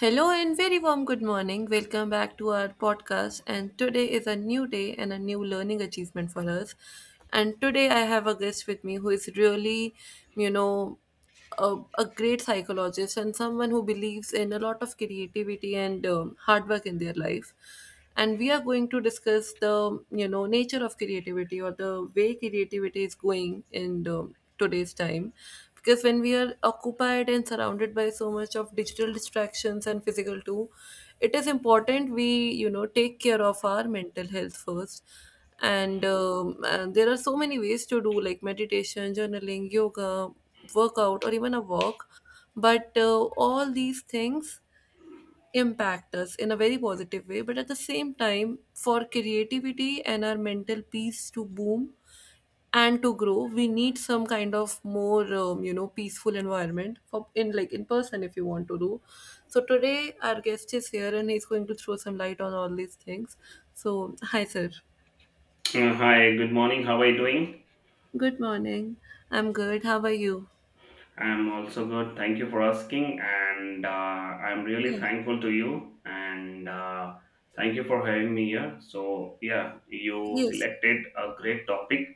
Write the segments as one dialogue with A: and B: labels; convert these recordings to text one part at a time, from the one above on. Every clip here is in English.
A: Hello and very warm good morning. Welcome back to our podcast. And today is a new day and a new learning achievement for us. And today I have a guest with me who is really, you know, a great psychologist and someone who believes in a lot of creativity and hard work in their life, and we are going to discuss the nature of creativity or the way creativity is going in the today's time, because when we are occupied and surrounded by so much of digital distractions and physical too, it is important we take care of our mental health first. And there are so many ways to do like meditation, journaling, yoga, workout, or even a walk. But all these things impact us in a very positive way, but at the same time for creativity and our mental peace to boom and to grow, we need some kind of more peaceful environment for, in like in person, if you want to do. So today our guest is here and he's going to throw some light on all these things. So hi sir.
B: Hi, good morning. How are you doing?
A: Good morning. I'm good, how are you?
B: I'm also good. Thank you for asking. And I'm really
A: Yeah.
B: thankful to you. And Thank you for having me here. So, yeah, you
A: Yes.
B: selected a great topic.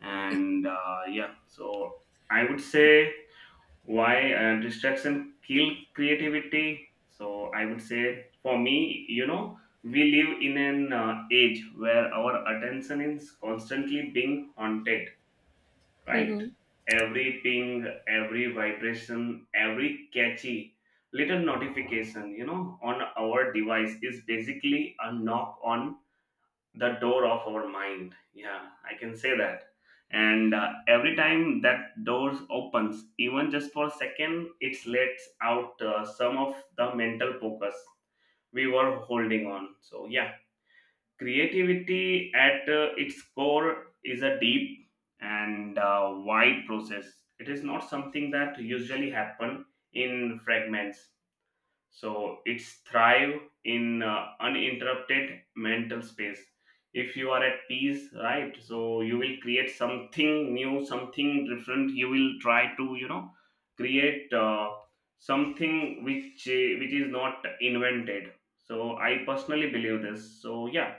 B: So I would say why distraction kill creativity. So, I would say for me, you know, we live in an age where our attention is constantly being haunted, right?
A: Mm-hmm.
B: Every ping, every vibration, every catchy little notification, you know, on our device is basically a knock on the door of our mind. Yeah, I can say that. And every time that door opens, even just for a second, it lets out some of the mental focus we were holding on. So, yeah. Creativity at its core is a deep and wide process. It is not something that usually happen in fragments, so it's thrive in uninterrupted mental space. If you are at peace, right, so you will create something new, something different. You will try to, you know, create something which is not invented. So I personally believe this. So, yeah,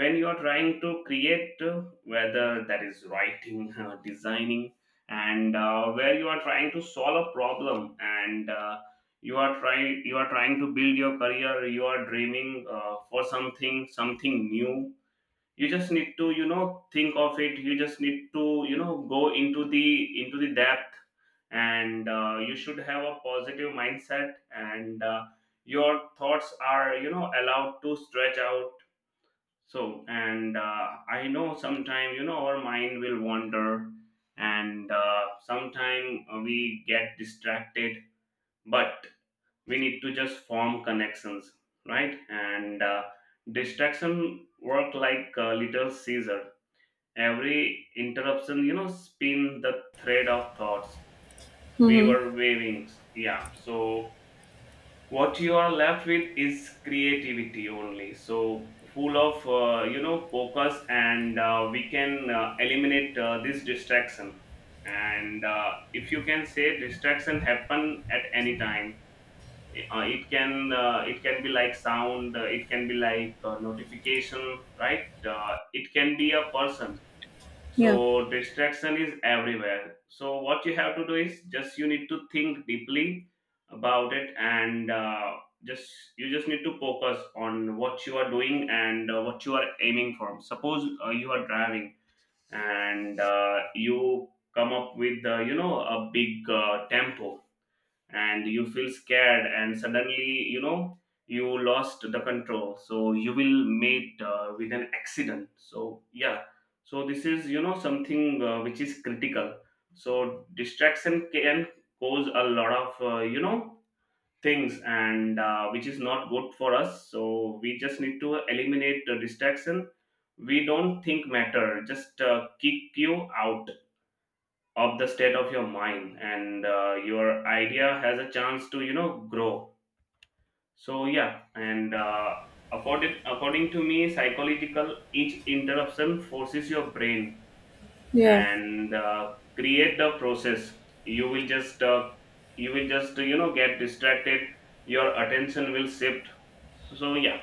B: when you are trying to create, whether that is writing designing, and where you are trying to solve a problem, and uh, you are trying to build your career, you are dreaming for something, something new. You just need to, you know, think of it. You just need to, you know, go into the depth, and you should have a positive mindset, and your thoughts are, you know, allowed to stretch out. So and uh, I know sometime, you know, our mind will wander, and sometime we get distracted. But we need to just form connections, right? And distraction work like little caesar. Every interruption, you know, spin the thread of thoughts we
A: Mm-hmm.
B: were waving. Yeah, so what you are left with is creativity only. So full of, you know, focus, and we can eliminate this distraction. And if you can say distraction happen at any time. It can be like sound, it can be like notification, right? It can be a person.
A: Yeah.
B: So distraction is everywhere. So what you have to do is just you need to think deeply about it, and just you just need to focus on what you are doing, and what you are aiming for. Suppose you are driving, and you come up with you know, a big tempo, and you feel scared, and suddenly, you know, you lost the control, so you will meet with an accident. So yeah, so this is, you know, something which is critical. So distraction can cause a lot of, you know, things, and which is not good for us. So we just need to eliminate the distraction. We don't think matter. Just kick you out of the state of your mind, and your idea has a chance to, you know, grow. So yeah. And uh, according to me, psychological, each interruption forces your brain,
A: Yeah.
B: and create the process. You will just you will just, you know, get distracted. Your attention will shift. So yeah.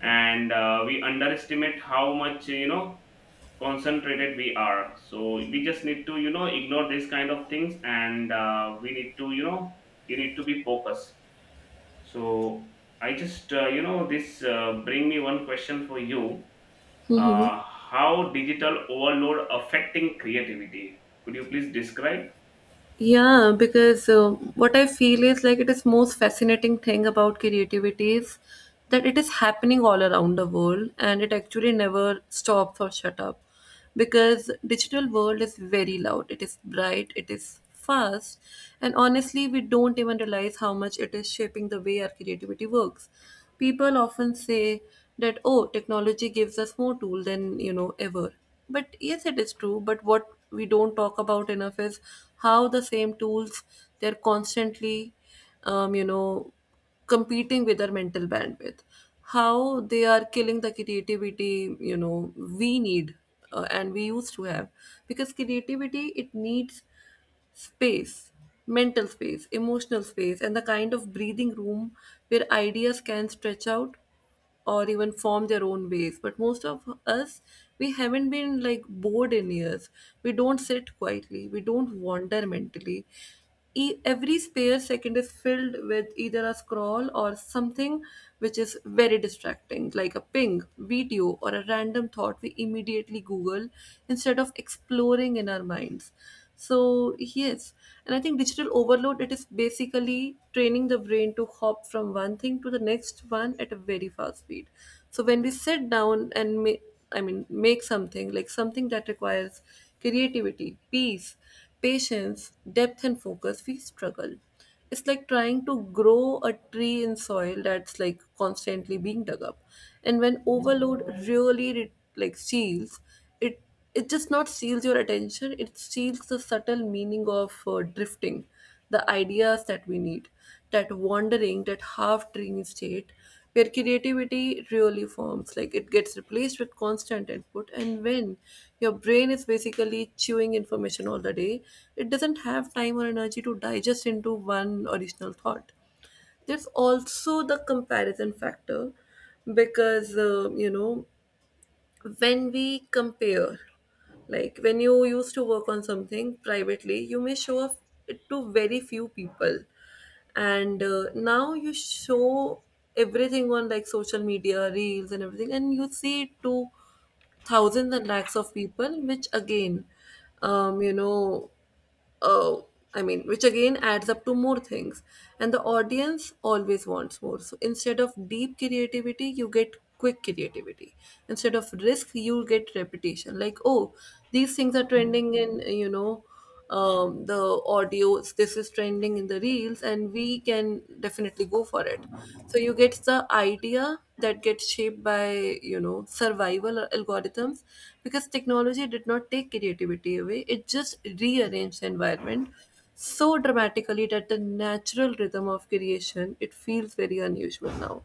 B: And we underestimate how much, you know, concentrated we are. So we just need to, you know, ignore these kind of things, and we need to, you know, you need to be focused. So I just, you know, this bring me one question for you.
A: Mm-hmm.
B: uh, how digital overload affecting creativity? Could you please describe?
A: Yeah, because what I feel is like it is most fascinating thing about creativity is that it is happening all around the world and it actually never stops or shut up, because digital world is very loud, it is bright, it is fast. And honestly we don't even realize how much it is shaping the way our creativity works. People often say that, oh, technology gives us more tool than ever. But yes, it is true. But what we don't talk about enough is how the same tools, they're constantly, um, you know, competing with our mental bandwidth. How they are killing the creativity, you know, we need, and we used to have. Because creativity, it needs space, mental space, emotional space, and the kind of breathing room where ideas can stretch out or even form their own ways. But most of us, we haven't been like bored in years. We don't sit quietly, we don't wander mentally. Every spare second is filled with either a scroll or something which is very distracting like a ping, video, or a random thought. We immediately google instead of exploring in our minds. So yes, and I think digital overload, it is basically training the brain to hop from one thing to the next one at a very fast speed. So when we sit down and make, I mean, make something like something that requires creativity, peace, patience, depth, and focus, we struggle. It's like trying to grow a tree in soil that's like constantly being dug up. And when overload really like steals, it it just not steals your attention, it steals the subtle meaning of drifting the ideas that we need, that wandering, that half dreamy state where creativity really forms, like it gets replaced with constant input. And when your brain is basically chewing information all the day, it doesn't have time or energy to digest into one original thought. There's also the comparison factor, because when we compare, like when you used to work on something privately, you may show off it to very few people. And now you show everything on like social media reels and everything, and you see it to thousands and lakhs of people, which again, um you know oh I mean, which again adds up to more things. And the audience always wants more. So instead of deep creativity you get quick creativity, instead of risk you get repetition. Like, oh, these things are trending in, the audios, this is trending in the reels and we can definitely go for it. So you get the idea that gets shaped by, you know, survival algorithms. Because technology did not take creativity away, it just rearranged the environment so dramatically that the natural rhythm of creation, it feels very unusual now.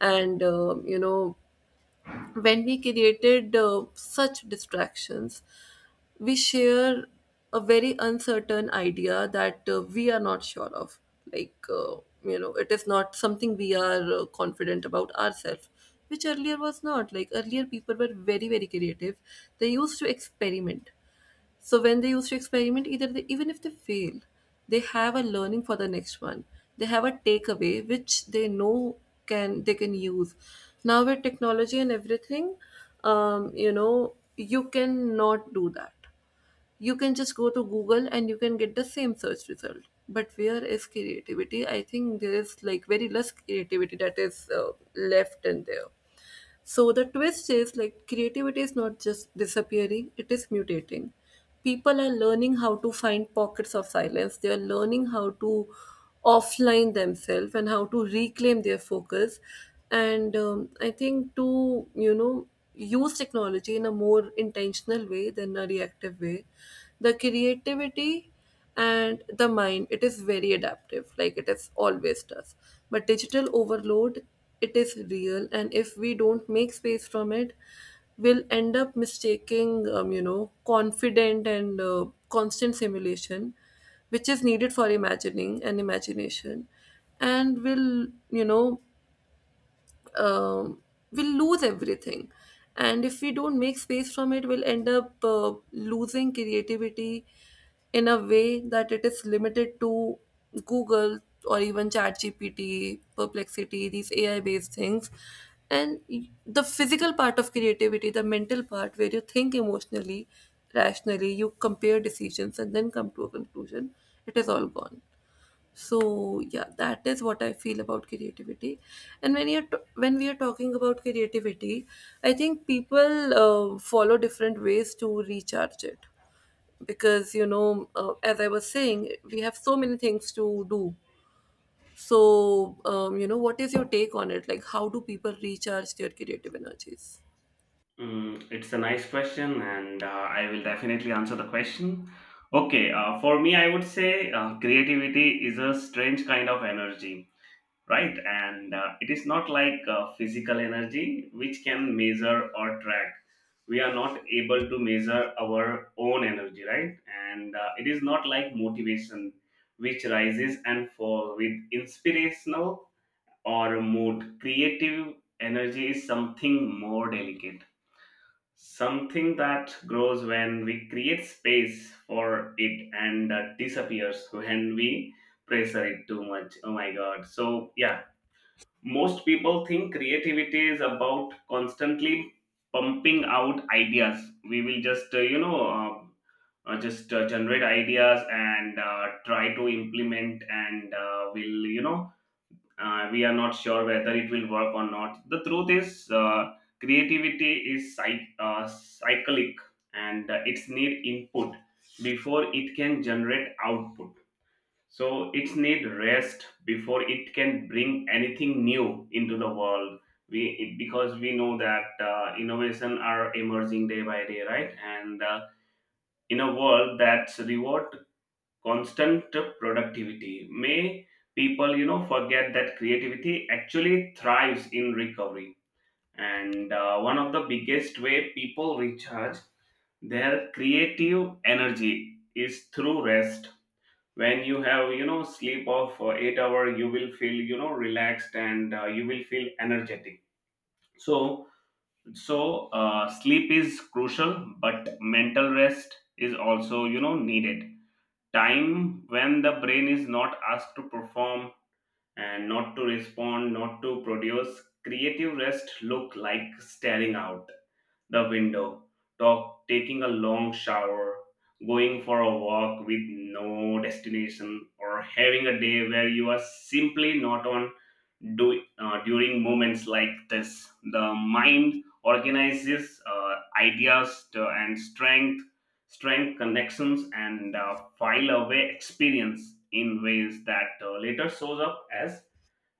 A: And when we created such distractions, we share a very uncertain idea that we are not sure of. Like, it is not something we are confident about ourselves, which earlier was not. Like, earlier people were very, very creative. They used to experiment. So when they used to experiment, either they, even if they fail, they have a learning for the next one. They have a takeaway which they know can, they can use. Now with technology and everything, you cannot do that. You can just go to Google and you can get the same search result. But where is creativity? I think there is like very less creativity that is left in there. So the twist is like creativity is not just disappearing, it is mutating. People are learning how to find pockets of silence. They are learning how to offline themselves and how to reclaim their focus. And I think to, you know, use technology in a more intentional way than a reactive way. The creativity and the mind, it is very adaptive, like it is always does. But digital overload, it is real, and if we don't make space from it, we'll end up mistaking confident and constant simulation, which is needed for imagining and imagination. And will, um, we'll lose everything. And if we don't make space from it, we'll end up losing creativity in a way that it is limited to Google or even ChatGPT, perplexity, these AI based things. And the physical part of creativity, the mental part where you think emotionally, rationally, you compare decisions and then come to a conclusion, it is all gone. So yeah, that is what I feel about creativity. And when when we are talking about creativity, I think people follow different ways to recharge it. Because you know, as I was saying, we have so many things to do. So what is your take on it, like how do people recharge their creative energies?
B: Mm, it's a nice question, and I will definitely answer the question. Okay, for me, I would say creativity is a strange kind of energy, right? And it is not like physical energy which can measure or track. We are not able to measure our own energy, right? And it is not like motivation which rises and falls with inspirational or mood. Creative energy is something more delicate, something that grows when we create space for it, and disappears when we pressure it too much. Oh my god. So, yeah, most people think creativity is about constantly pumping out ideas. We will just, just generate ideas, and try to implement, and will, you know, we are not sure whether it will work or not. The truth is, creativity is cyclic, and it's need input before it can generate output. So it needs rest before it can bring anything new into the world. We it, because we know that innovation are emerging day by day, right? And in a world that's reward constant productivity, may people, you know, forget that creativity actually thrives in recovery. And one of the biggest way people recharge their creative energy is through rest. When you have, you know, sleep of 8 hour, you will feel, you know, relaxed, and you will feel energetic. So, so sleep is crucial, but mental rest is also, you know, needed. Time when the brain is not asked to perform, and not to respond, not to produce. Creative rest look like staring out the window, talk, taking a long shower, going for a walk with no destination, or having a day where you are simply not on do, during moments like this. The mind organizes ideas and strength connections, and file away experience in ways that later shows up as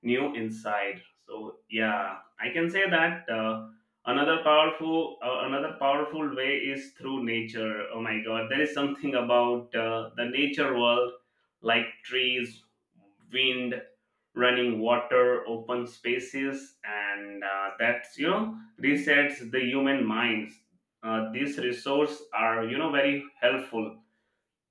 B: new inside. So yeah, I can say that, uh, another powerful way is through nature. Oh my god, there is something about the nature world, like trees, wind, running water, open spaces, and that's, you know, resets the human minds. These resources are, you know, very helpful.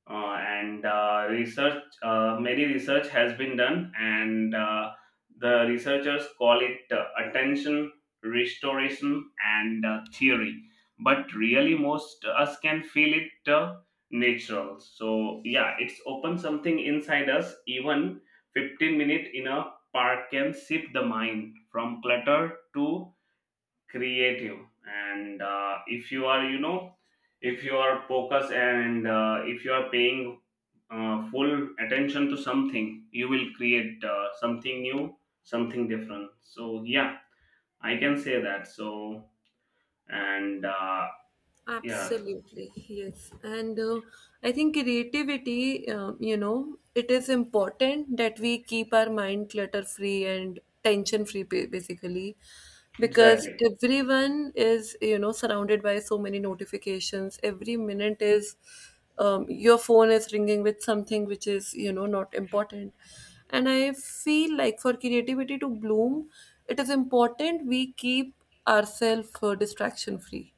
B: Uh, and uh, research uh, many research has been done, and the researchers call it attention restoration and theory. But really most us can feel it, natural. So yeah, it's open something inside us. Even 15 minute in a park can shift the mind from clutter to creative. And if you are, you know, if you are focused, and if you are paying full attention to something, you will create something new, something different. So yeah, I can say that. So and yeah,
A: Absolutely, yes. And I think creativity, it is important that we keep our mind clutter free and tension free, basically, because
B: exactly.
A: everyone is, you know, surrounded by so many notifications. Every minute is, your phone is ringing with something which is, you know, not important. And I feel like for creativity to bloom, it is important we keep ourselves distraction free.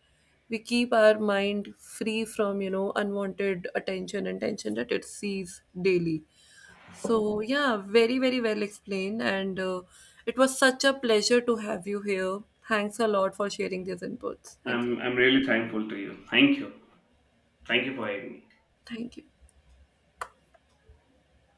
A: We keep our mind free from, you know, unwanted attention and tension that it sees daily. So yeah, very very well explained. And it was such a pleasure to have you here. Thanks a lot for sharing these inputs. Thank you.
B: I'm really thankful to you. Thank you. Thank you for having me.
A: Thank you.